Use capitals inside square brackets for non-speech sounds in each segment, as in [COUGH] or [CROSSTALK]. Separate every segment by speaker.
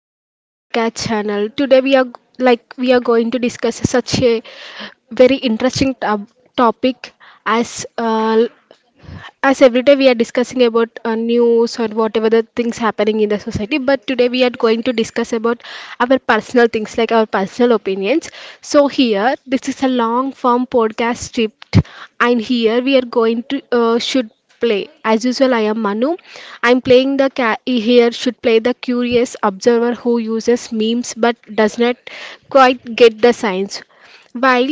Speaker 1: Welcome to the podcast channel. Today like we are going to discuss such a very interesting topic as uh, as every day we are discussing about news or whatever the things happening in the society, but today we are going to discuss about our personal things, like our personal opinions. So here this is a long form podcast script, and here we are going to should play as usual. I am Manu. I'm playing the ca- here should play the curious observer who uses memes but does not quite get the science, while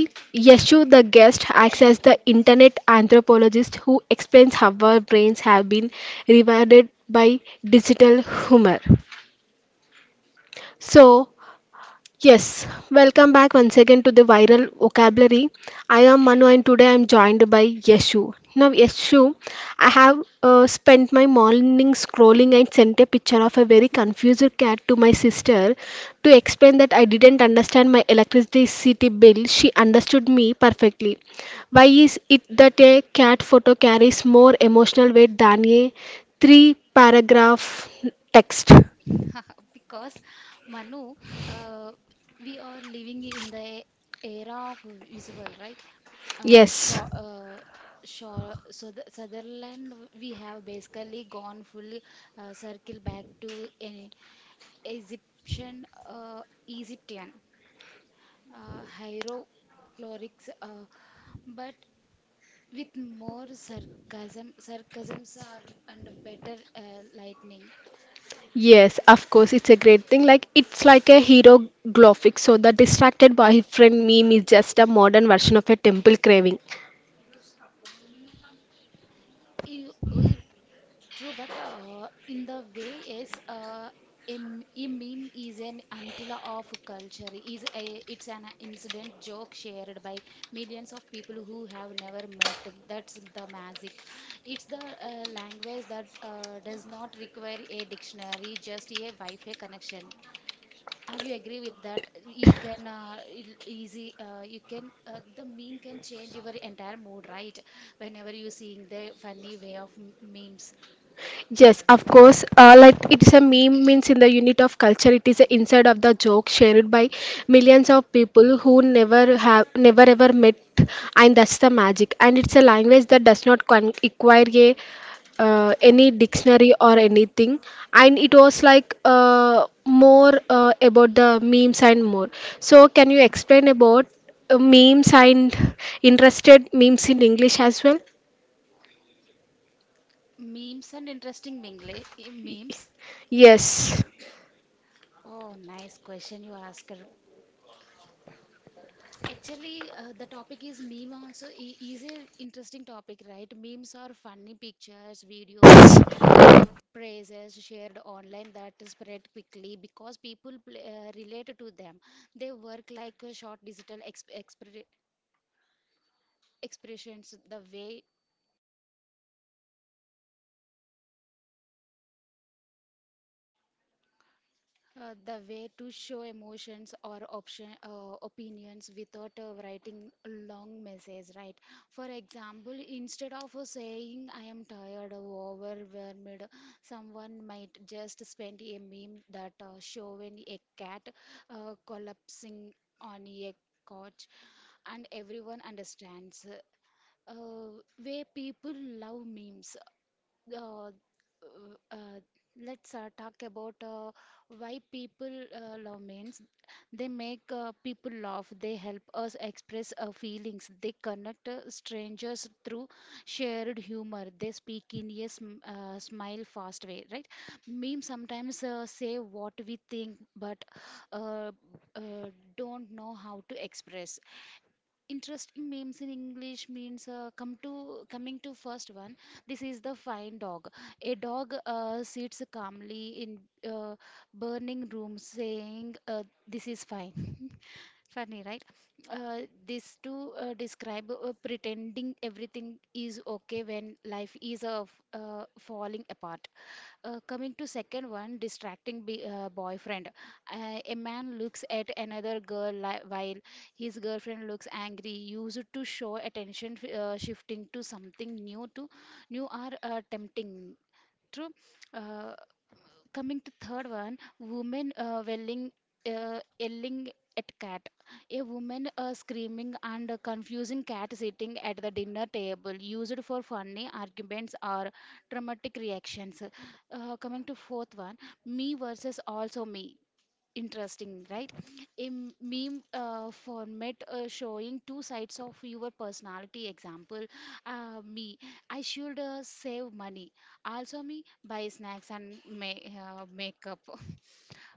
Speaker 1: Yeshu the guest acts as the internet anthropologist who explains how our brains have been rewired by digital humor. So, Yes, welcome back once again to the viral vocabulary. I am Manu and today I am joined by Yeshu. Now, Yeshu, I have spent my morning scrolling and sent a picture of a very confused cat to my sister to explain that I didn't understand my electricity bill. She understood me perfectly. Why is it that a cat photo carries more emotional weight than a three paragraph text?
Speaker 2: Because Manu, uh, we are living in the era of visual, right? Uh,
Speaker 1: Yes.
Speaker 2: sure, uh, sure. So the Sutherland, we have basically gone full circle back to an Egyptian hieroglyphics, but with more sarcasm, sarcasms are and better lightning.
Speaker 1: Yes, of course, it's a great thing. Like, it's like a hero graphic. So the distracted boyfriend meme is just a modern version of a temple craving.
Speaker 2: You- It True, but in the way is uh, a meme is an antler of culture. Is a It's an incident joke shared by millions of people who have never met. That's the magic. It's the language that does not require a dictionary, just a Wi-Fi connection. Are you agree with that? You can easy. You can the meme can change your entire mood, right? Whenever you seeing the funny way of memes.
Speaker 1: Yes, of course. Like, it's a meme means in the unit of culture, it is a inside of the joke shared by millions of people who never ever met, and that's the magic. And it's a language that does not require a any dictionary or anything. And it was like more about the memes and more. So can you explain about memes and interested memes in English as well?
Speaker 2: Memes and interesting memes.
Speaker 1: Yes.
Speaker 2: Oh, nice question you asked. Actually, the topic is meme also is an interesting topic, right? Memes are funny pictures, videos,
Speaker 1: Yes.
Speaker 2: uh, praises shared online that spread quickly because people relate to them. They work like a short digital expressions. The way to show emotions or option opinions without writing a long message, right? For example, instead of saying I am tired or overwhelmed, someone might just spend a meme that showing a cat collapsing on a couch, and everyone understands. Uh, where people love memes. uh, uh, uh, let's talk about why people love means. They make people laugh, they help us express our feelings, they connect strangers through shared humor, they speak in a smile fast way, right? Memes sometimes say what we think, but uh, uh, don't know how to express. Interesting names in English means, come to coming to first one, this is the fine dog. A dog sits calmly in uh, burning room saying this is fine. [LAUGHS] Funny, right? uh, this to describe pretending everything is okay when life is falling apart. Coming to second one, distracting boyfriend. A man looks at another girl while his girlfriend looks angry. Used to show attention, shifting to something new or tempting. True. Uh, Coming to third one, women yelling at cat. A woman screaming and confusing cat sitting at the dinner table, used for funny arguments or dramatic reactions. Coming to fourth one, me versus also me. Interesting, right? A meme format showing two sides of your personality. Example, me, I should save money. Also, me, buy snacks and makeup. [LAUGHS]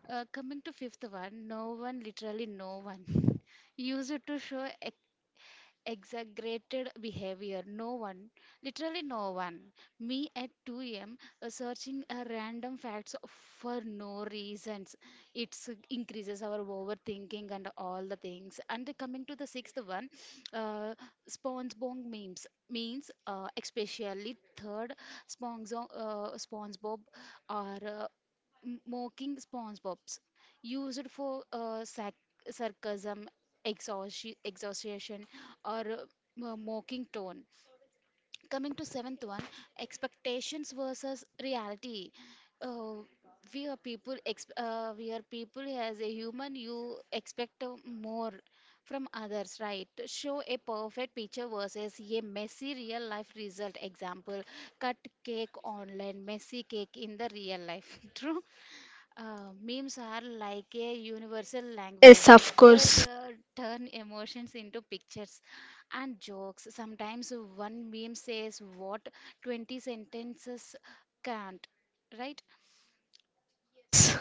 Speaker 2: Coming to fifth one, no one, literally no one. [LAUGHS] Use it to show exaggerated behavior. No one, literally no one. Me at 2 a.m. Searching random facts for no reasons. It increases our overthinking and all the things. And coming to the sixth one, uh, SpongeBob memes means especially third SpongeBob, or mocking SpongeBob's, used for sarcasm, exhaustion, or mocking tone. Coming to seventh one, expectations versus reality. Uh, we are people. As a human, you expect more from others, right? Show a perfect picture versus a messy real life result. Example: cut cake online, messy cake in the real life. [LAUGHS] True. Memes are like a universal language.
Speaker 1: Yes, of
Speaker 2: They
Speaker 1: course.
Speaker 2: turn emotions into pictures and jokes. Sometimes one meme says what 20 sentences can't, right?
Speaker 1: Yes.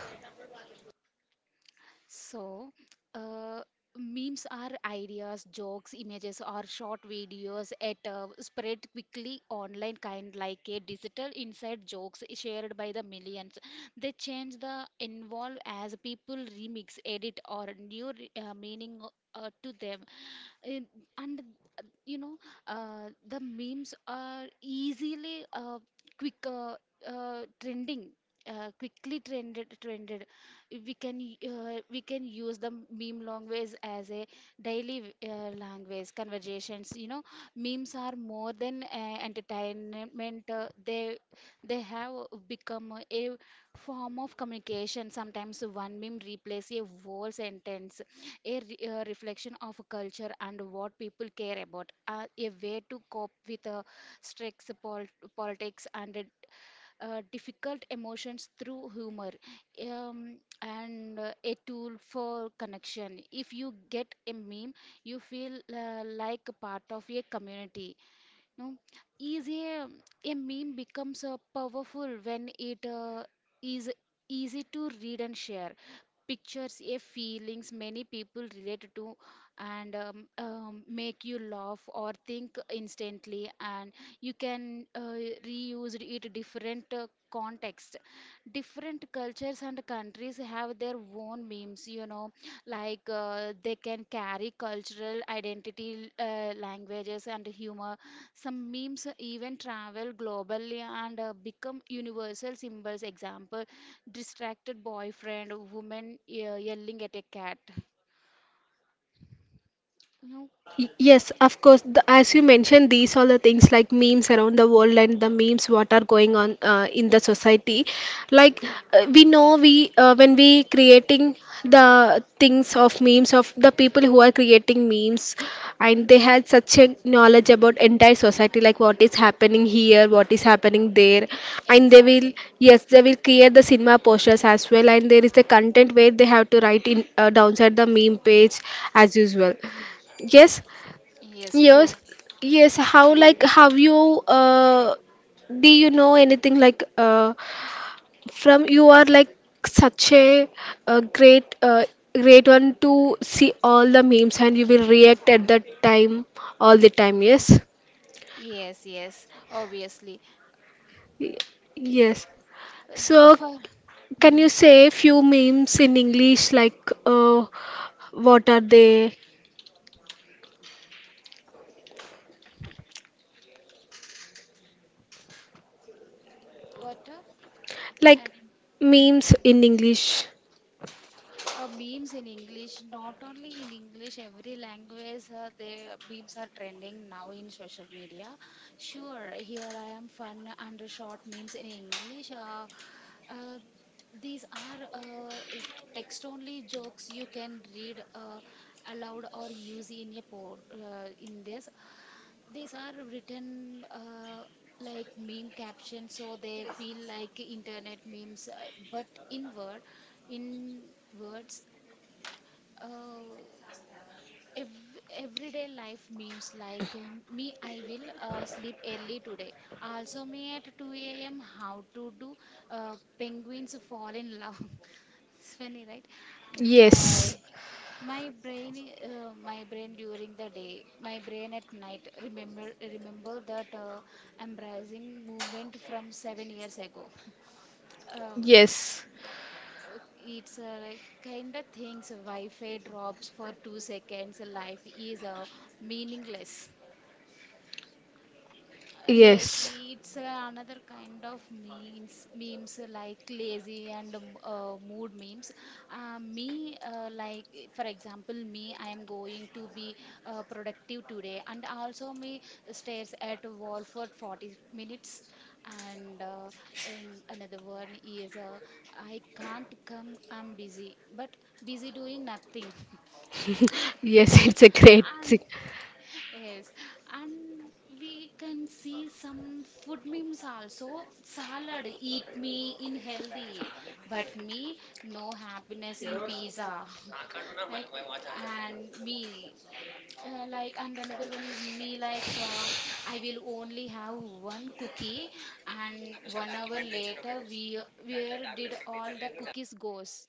Speaker 2: So, uh, memes are ideas, jokes, images, or short videos at spread quickly online, kind like a digital inside jokes shared by the millions. They change the involve as people remix, edit, or new meaning to them. And, and uh, you know, the memes are easily quick trending. Quickly trended, we can we can use the meme language as a daily language conversations, you know. Memes are more than entertainment, they have become a form of communication. Sometimes one meme replaces a whole sentence, a a reflection of a culture and what people care about, a way to cope with stress, pol- politics, and difficult emotions through humor, um, and a tool for connection. If you get a meme, you feel like a part of a community. No, is a A meme becomes powerful when it is easy to read and share. Pictures a feelings many people relate to, and make you laugh or think instantly, and you can reuse it different context. Different cultures and countries have their own memes, you know. Like they can carry cultural identity, languages and humor. Some memes even travel globally and become universal symbols. Example, distracted boyfriend, woman yelling at a cat. You know,
Speaker 1: Yes, of course. As you mentioned, these are the things like memes around the world and the memes what are going on in the society. Like we know, we when we creating the things of memes of the people who are creating memes, and they had such a knowledge about entire society, like what is happening here, what is happening there, and they will
Speaker 2: exactly.
Speaker 1: yes, they will create the cinema posters as well, and there is the content where they have to write in downside the meme page as usual. Yes,
Speaker 2: Yes, true.
Speaker 1: yes, yes. How like have you do you know anything like from you are like such a great great one to see all the memes, and you will react at that time all the time, yes?
Speaker 2: Yes, yes, obviously.
Speaker 1: Yes.
Speaker 2: Uh, b- uh,
Speaker 1: So
Speaker 2: for,
Speaker 1: can you
Speaker 2: mm.
Speaker 1: say a few memes in English, like what are they?
Speaker 2: What a,
Speaker 1: Like
Speaker 2: adding
Speaker 1: memes in English.
Speaker 2: memes in English, not only in English, every language, the memes are trending now in social media. Sure, here I am, fun and short memes in English. Uh, these are text only jokes you can read aloud or use in a po in this. These are written like meme captions, so they feel like internet memes, but in in words. uh, Everyday life memes like me I will sleep early today, also me at 2 a.m. how to do penguins fall in love. [LAUGHS] It's funny, right?
Speaker 1: Yes.
Speaker 2: But my brain during the day, my brain at night, remember that embracing movement from 7 years ago. Uh,
Speaker 1: Yes.
Speaker 2: it's a kind of things, wi-fi drops for 2 seconds, life is meaningless. Like
Speaker 1: Yes.
Speaker 2: it's another kind of memes, like lazy and mood memes. For example, me, I am going to be productive today, and also me stares at a wall for 40 minutes. And, uh, and another one is, I can't come, I'm busy, but busy doing nothing.
Speaker 1: [LAUGHS] Yes, it's a great
Speaker 2: And
Speaker 1: thing.
Speaker 2: yes, and we can see some food memes also. Salad, eat me in healthy, but me, no happiness in pizza, right? And me, and another one is me, like, I will only have one cookie, and 1 hour later, we, where did all the cookies goes?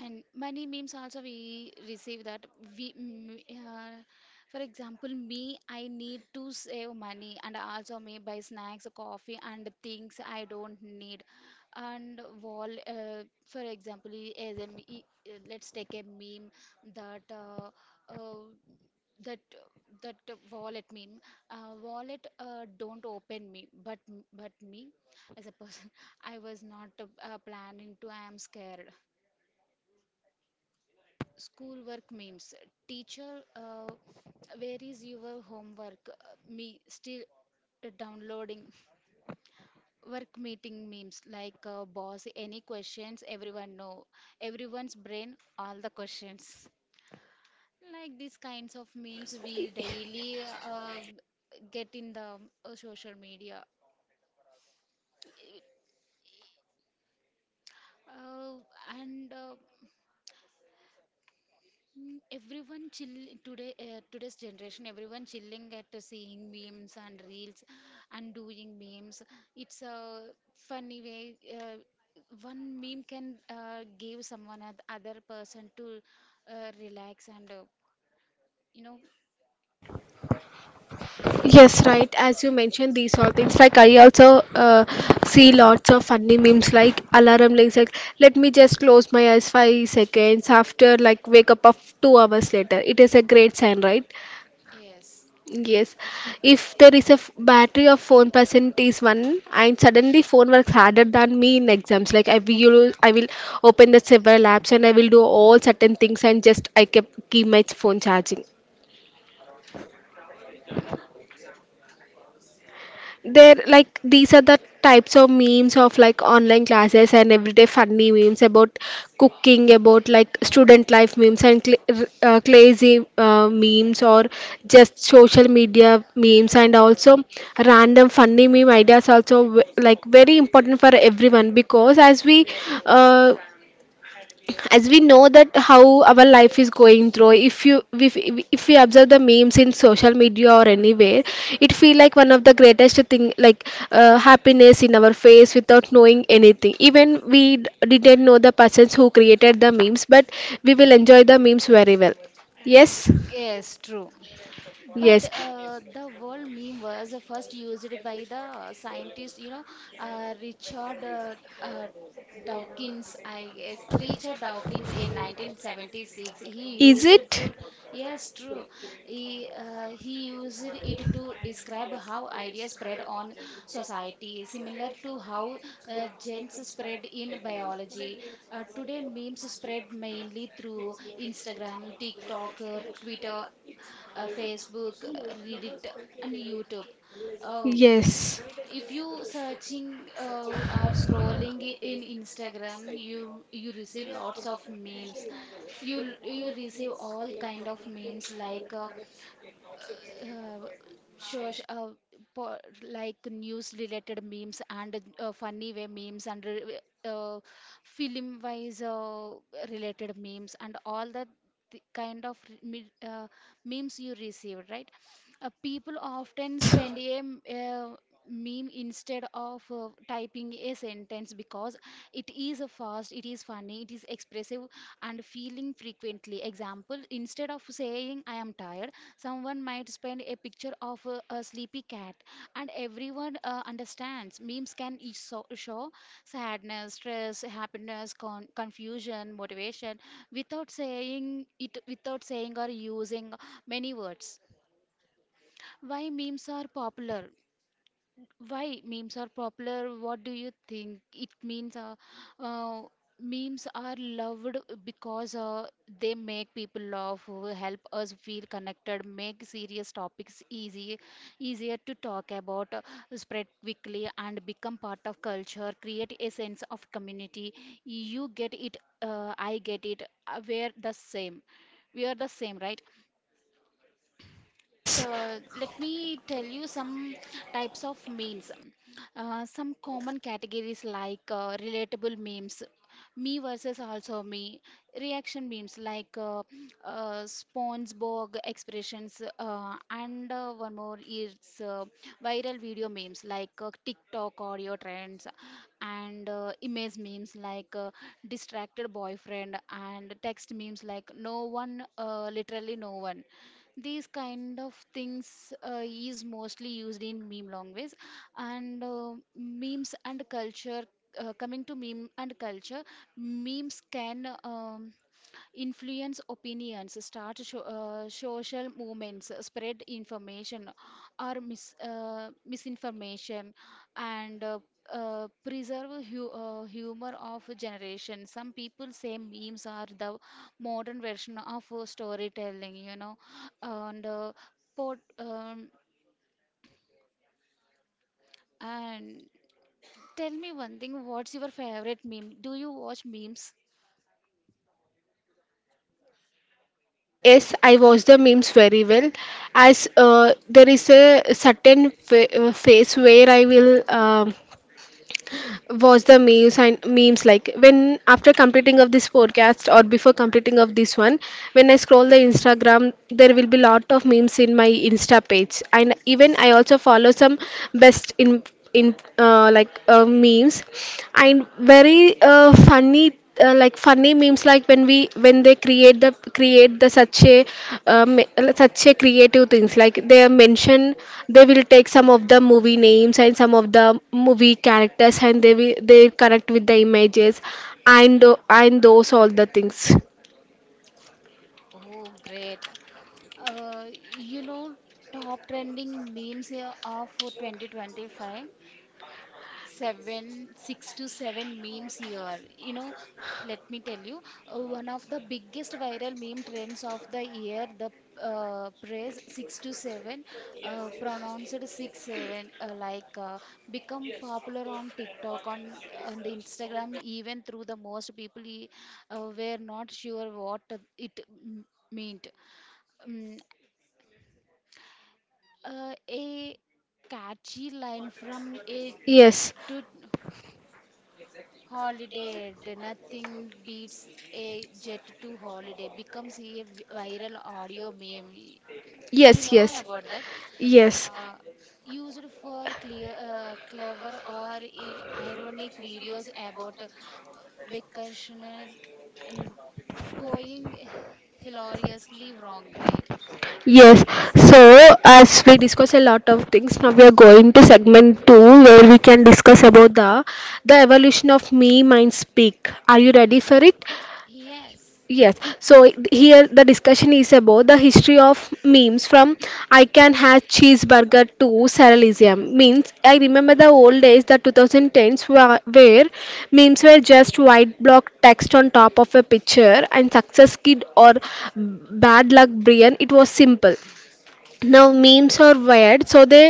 Speaker 2: And money memes also we receive that we mm, uh, for example, me, I need to save money, and also me buy snacks, coffee and things I don't need. And wall For example, I- as a, me- I- let's take a meme that uh, uh, that that wallet meme. Wallet, don't open me, but me as a person, [LAUGHS] I was not planning to, I am scared. Schoolwork memes. Teacher, where is your homework? Me still downloading. Work meeting memes like, boss, any questions? Everyone know. Everyone's brain, all the questions. Like these kinds of memes we daily get in the social media. Uh, and Mm, everyone chill today, today's generation, everyone chilling at seeing memes and reels and doing memes. It's a funny way. One meme can give someone other person to relax and, you know,
Speaker 1: Yes, right. As you mentioned, these all things. Like I also see lots of funny memes, like alarm like, let me just close my eyes 5 seconds after, like wake up of 2 hours later. It is a great sign, right?
Speaker 2: yes.
Speaker 1: Yes. If there is a battery of phone percent is one, and suddenly phone works harder than me in exams. Like I will open the several apps and I will do all certain things, and just I kept keep my phone charging. They're like these are the types of memes of like online classes and everyday funny memes about cooking, about like student life memes and crazy memes or just social media memes and also random funny meme ideas, also like very important for everyone because uh, as we know that how our life is going through. If you if we observe the memes in social media or anywhere, it feel like one of the greatest thing, like happiness in our face without knowing anything. Even didn't know the persons who created the memes, but we will enjoy the memes very well. Yes,
Speaker 2: Yes, true. But
Speaker 1: yes.
Speaker 2: the word meme was first used by the scientist, you know, Richard uh, Dawkins, I guess, Richard Dawkins in 1976, he
Speaker 1: Is
Speaker 2: used it
Speaker 1: it?
Speaker 2: to, yes, true. He used it to describe how ideas spread on society, similar to how genes spread in biology. Today, memes spread mainly through Instagram, TikTok, Twitter, Facebook, Reddit, and YouTube. Uh,
Speaker 1: Yes.
Speaker 2: if you searching or scrolling in Instagram, you receive lots of memes. You you receive all kind of memes, like, uh, sure, sure. uh, po- like news related memes, and funny way memes, and uh, film wise related memes, and all that the kind of memes you receive, right? People often spend a meme instead of typing a sentence because it is a fast, it is funny, it is expressive and feeling frequently. Example, instead of saying I am tired, someone might spend a picture of a sleepy cat, and everyone understands. Memes can show sadness, stress, happiness, confusion, motivation, without saying it, without saying or using many words. Why memes are popular? Why memes are popular? What do you think? It means uh, memes are loved because they make people laugh, help us feel connected, make serious topics easy, easier to talk about, spread quickly, and become part of culture. Create a sense of community. You get it. I get it. We're the same, we are the same, right?
Speaker 1: Yes.
Speaker 2: Let me tell you some types of memes. Some common categories like relatable memes, me versus also me, reaction memes like SpongeBob expressions, and one more is uh, viral video memes like TikTok audio trends, and image memes like distracted boyfriend, and text memes like no one, literally no one. These kind of things is mostly used in meme language. And uh, memes and culture uh, coming to meme and culture, memes can influence opinions, start social movements, spread information or misinformation, and preserve humor of a generation. Some people say memes are the modern version of storytelling, you know and uh, pot um, and tell me one thing, what's your favorite meme? Do you watch memes?
Speaker 1: Yes, I watch the memes very well. As there is a certain phase where I will watch the memes, and memes like when after completing of this podcast or before completing of this one, when I scroll the Instagram, there will be lot of memes in my Insta page. And even I also follow some best in memes, and very funny like funny memes, like when we when they create the such a um, such a creative things, like they mention they will take some of the movie names and some of the movie characters, and they connect with the images, and those all the things.
Speaker 2: Oh, great. Uh, you know, Top trending memes here of 2025. 7 6 to seven memes here, let me tell you. One of the biggest viral meme trends of the year, the praise 6 to 7, pronounced 6 7, become popular on TikTok, on the Instagram. Even through, the most people were not sure what it m- meant. um, a catchy line from a jet
Speaker 1: Yes,
Speaker 2: to Holiday. Nothing beats a jet to holiday becomes a viral audio meme. You
Speaker 1: yes,
Speaker 2: know
Speaker 1: yes,
Speaker 2: about that.
Speaker 1: yes.
Speaker 2: Uh, Used for clever or ironic videos about vacational and going hilariously wrong, right?
Speaker 1: Yes,
Speaker 2: These
Speaker 1: so
Speaker 2: kind.
Speaker 1: as we discuss a lot of things, now we are going to segment two, where we can discuss about the evolution of me mind speak. Are you ready for it?
Speaker 2: Yes.
Speaker 1: Yes. So here the discussion is about the history of memes from I can have cheeseburger to surrealism. Means I remember the old days, the 2010s where memes were just white block text on top of a picture and success kid or bad luck Brian. It was simple. Now memes are weird, so they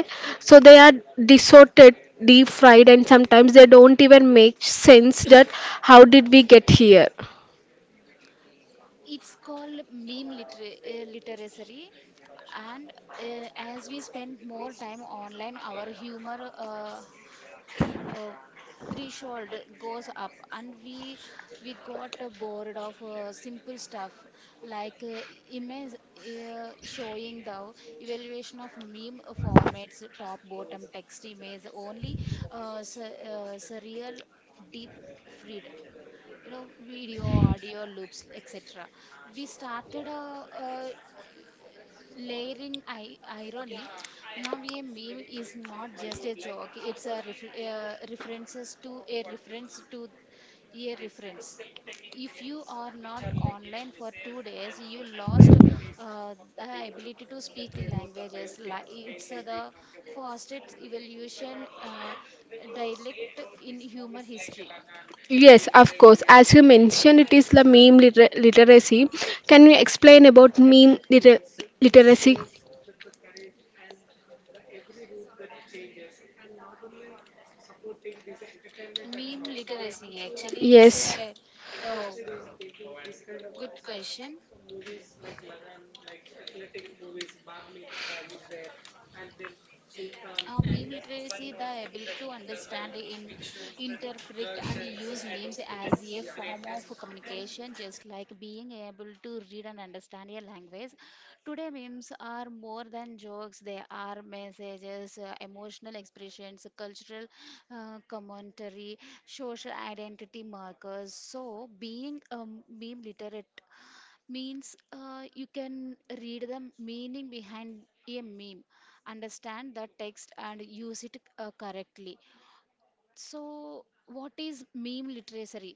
Speaker 1: so they are distorted, deep fried, and sometimes they don't even make sense. That how did we get here?
Speaker 2: It's called meme literacy, and as we spend more time online, our humor uh, threshold goes up, and we got bored of simple stuff like image showing the evaluation of meme formats: top, bottom, text, image only, surreal, deep, freed, video audio loops, etc. We started a layering irony. Now a meme is not just a joke, it's a references to a reference to a reference. If you are not online for 2 days, you lost the ability to speak languages. Like it's the fastest evolution dialect in human history.
Speaker 1: Yes, of course. As you mentioned, it is the meme literacy. Can you explain about meme literacy?
Speaker 2: Meme literacy. Actually, it's
Speaker 1: Yes.
Speaker 2: a, uh good question. Meme literacy, the ability to understand, interpret, and use memes as a form of communication, just like being able to read and understand a language. Today, memes are more than jokes, they are messages, emotional expressions, cultural commentary, social identity markers. So, being a meme literate means you can read the meaning behind a meme, understand the text, and use it correctly. So, what is meme literature?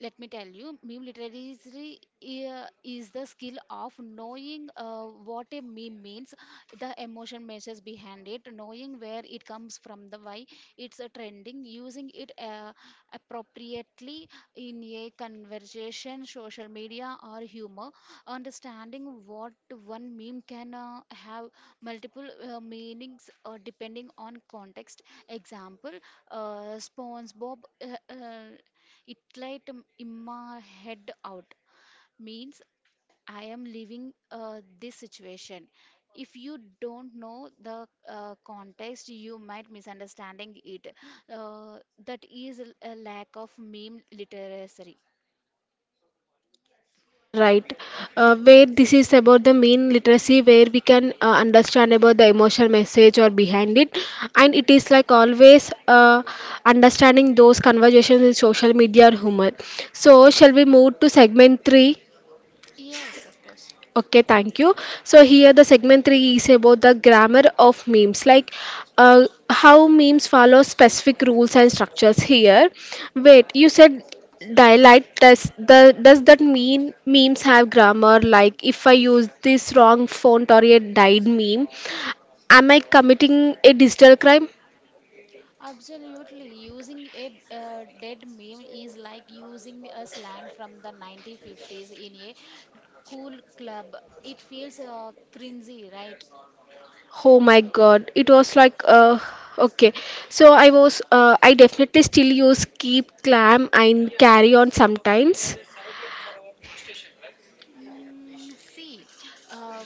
Speaker 2: Let me tell you, meme literacy is the skill of knowing what a meme means, the emotion messages behind it, knowing where it comes from, the why it's a trending, using it appropriately in a conversation, social media, or humor, understanding what one meme can have multiple meanings depending on context. Example, SpongeBob. It light in my head out means I am leaving this situation. If you don't know the context, you might misunderstanding it. Uh, that is a lack of meme literacy.
Speaker 1: You are right. Where this is about the mean literacy, where we can understand about the emotional message or behind it, and it is like always understanding those conversations in social media or humor. So, shall we move to segment three?
Speaker 2: Yes, of course.
Speaker 1: Okay, thank you. So here the segment 3 is about the grammar of memes, like how memes follow specific rules and structures here. Wait, you said dialect. Does the does that mean memes have grammar? Like if I use this wrong font or a dyed meme, am I committing a digital crime?
Speaker 2: Absolutely. Using a dead meme is like using a slang from the 1950s in a cool club. It feels cringy, right?
Speaker 1: Oh my god, it was like okay. So I was I definitely still use keep clam and carry on sometimes.
Speaker 2: Mm, see, uh,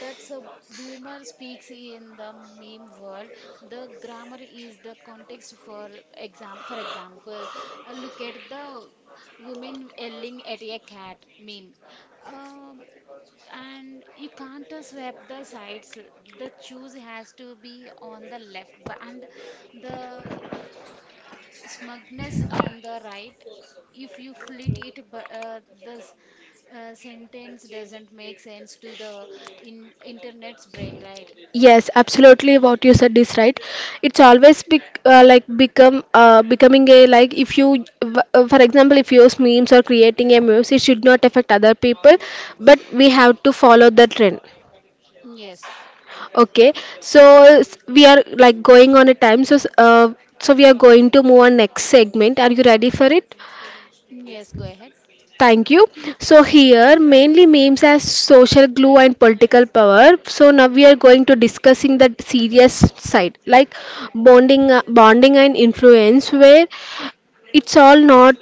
Speaker 2: that's a boomer speaks in the meme world. The grammar is the context. For example, look at the woman yelling at a cat meme. Um, and you can't swap the sides. The choose has to be on the left, but and the smugness on the right. If you flit it, but the sentence doesn't make sense to the in internet's brain, right?
Speaker 1: Yes, absolutely. What you said is right. It's always be, like become becoming a like if for example, if you use memes or creating a memes, it should not affect other people, but we have to follow the trend.
Speaker 2: Yes,
Speaker 1: Okay, so we are like going on a time. So we are going to move on next segment. Are you ready for it?
Speaker 2: yes, go ahead.
Speaker 1: Thank you. So here mainly memes as social glue and political power. So now we are going to discussing the serious side, like bonding and influence, where it's all not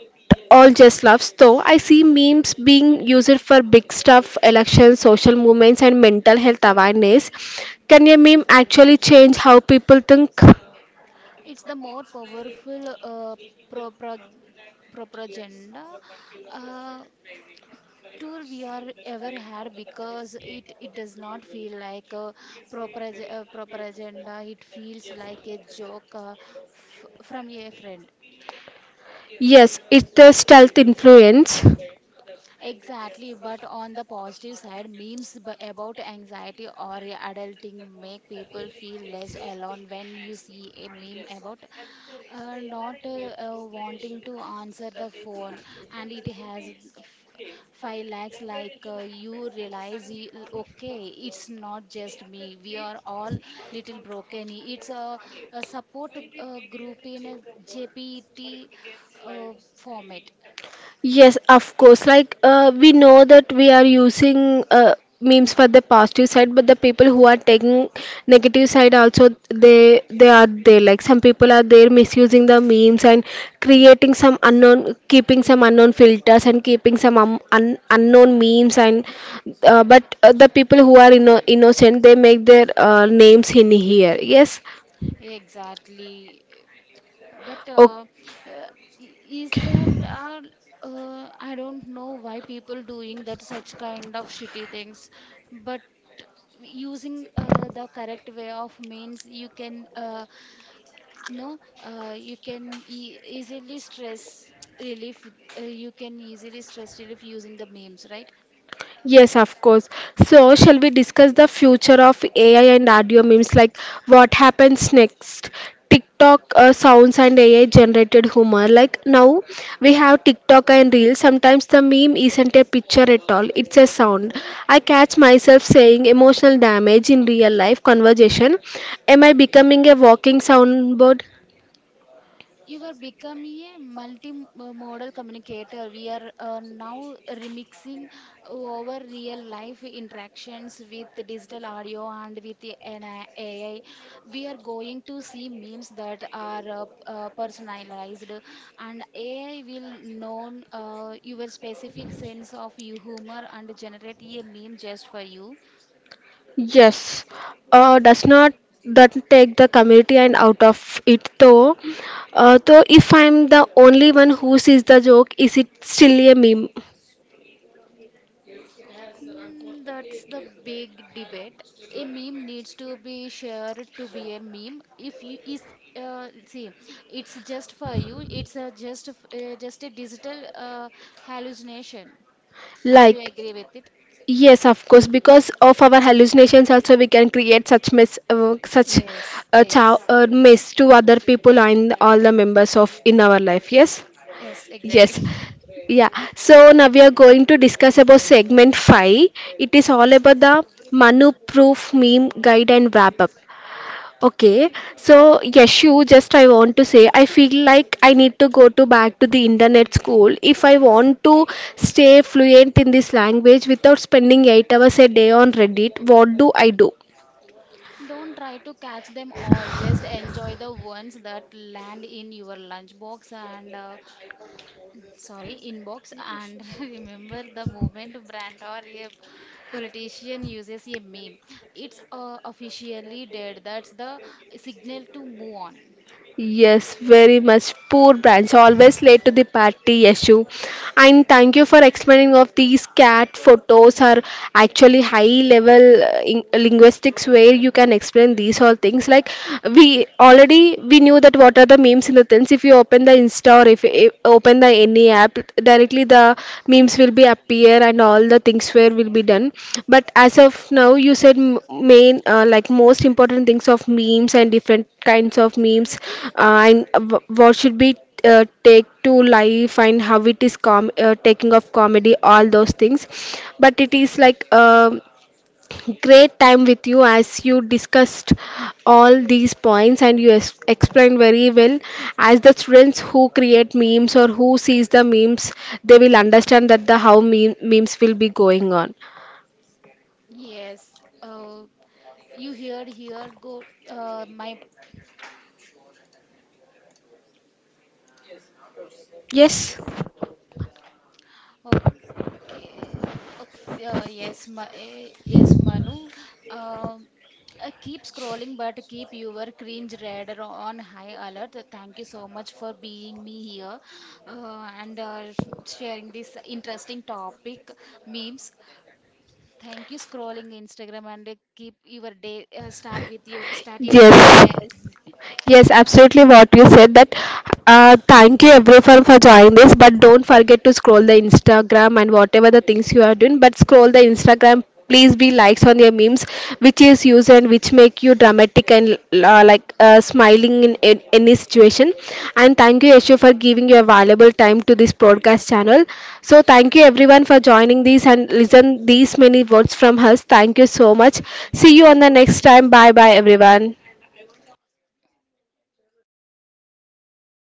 Speaker 1: all just laughs. Though I see memes being used for big stuff, elections, social movements, and mental health awareness. Can a meme actually change how people think?
Speaker 2: It's the more powerful pro- propaganda uh, tool we are ever had, because it does not feel like a propaganda, it feels like a joke, from a friend.
Speaker 1: Yes, it's the stealth influence.
Speaker 2: Exactly, but on the positive side, memes about anxiety or adulting make people feel less alone. When you see a meme about not wanting to answer the phone, and it has 5 lakhs like, you realize, okay, it's not just me, we are all little broken. It's a support group in a jpt format.
Speaker 1: Yes, of course. Like we know that we are using memes for the positive side, but the people who are taking negative side also, they are there. Like some people are there misusing the memes and creating some unknown, keeping some unknown filters and keeping some unknown memes. And but The people who are innocent, they make their names in here. Yes.
Speaker 2: Exactly. But uh, is there are, I don't know why people doing that such kind of shitty things, but using the correct way of means, you can, no you can e easily stress relief, you can easily stress relief using the memes, right?
Speaker 1: Yes, of course. So, shall we discuss the future of AI and audio memes? Like, what happens next? TikTok sounds and AI generated humor. Like, now we have TikTok and Reels. Sometimes the meme isn't a picture at all, it's a sound. I catch myself saying emotional damage in real life conversation. Am I becoming a walking soundboard?
Speaker 2: You are becoming a multi-modal communicator. We are now remixing over real life interactions with digital audio and with the NI AI. We are going to see memes that are personalized, and AI will know your specific sense of your humor and generate a meme just for you.
Speaker 1: Yes, does not that take the community and out of it though. Though if I'm the only one who sees the joke, is it still a meme?
Speaker 2: Mm, that's the big debate. A meme needs to be shared to be a meme. If you is, see, it's just for you. It's a just a digital hallucination. Are you
Speaker 1: Like
Speaker 2: agree with it?
Speaker 1: yes, of course, because of our hallucinations also we can create such mess, such
Speaker 2: Yes, ex
Speaker 1: mess to other people and all the members of in our life. Yes,
Speaker 2: yes,
Speaker 1: yes.
Speaker 2: exactly.
Speaker 1: Yeah, so now we are going to discuss about segment 5. It is all about the Manu proof meme guide and wrap up. Okay, so Yashu, just I want to say, I feel like I need to go to back to the internet school if I want to stay fluent in this language without spending 8 hours a day on Reddit. What do I do?
Speaker 2: [LAUGHS] Don't try to catch them all. Just enjoy the ones that land in your lunchbox, and sorry, inbox, and [LAUGHS] remember, the moment brand or a politician uses a meme, it's officially dead. That's the signal to move on.
Speaker 1: Yes, very much. Poor branch, always late to the party, Yashu. And thank you for explaining of these cat photos are actually high level in linguistics, where you can explain these all things. Like we knew that what are the memes in the sense. If you open the Insta or if you open the any app, directly the memes will be appear and all the things where will be done. But as of now you said main like most important things of memes and different kinds of memes, and what should be take to life and how it is taking of comedy, all those things. But it is like great time with you, as you discussed all these points and you explained very well. As the students who create memes or who sees the memes, they will understand that the how memes will be going on.
Speaker 2: Yes. uh, you heard here go my
Speaker 1: Yes.
Speaker 2: okay. Okay, yes, Manu. Um Keep scrolling, but keep your cringe radar on high alert. Thank you so much for being me here, and sharing this interesting topic, memes. Thank you, scrolling Instagram, and keep your day start with you start your day,
Speaker 1: Yes.
Speaker 2: as-
Speaker 1: Yes,
Speaker 2: [LAUGHS] no?
Speaker 1: absolutely what you said that thank you everyone for joining this. But don't forget to scroll the Instagram, and whatever the things you are doing, but scroll the Instagram, please be likes on your memes which is used and which make you dramatic and smiling in any situation. And thank you Yeshu for giving your valuable time to this podcast channel. So thank you everyone for joining this and listen these many words from us. Thank you so much. See you on the next time. Bye bye everyone.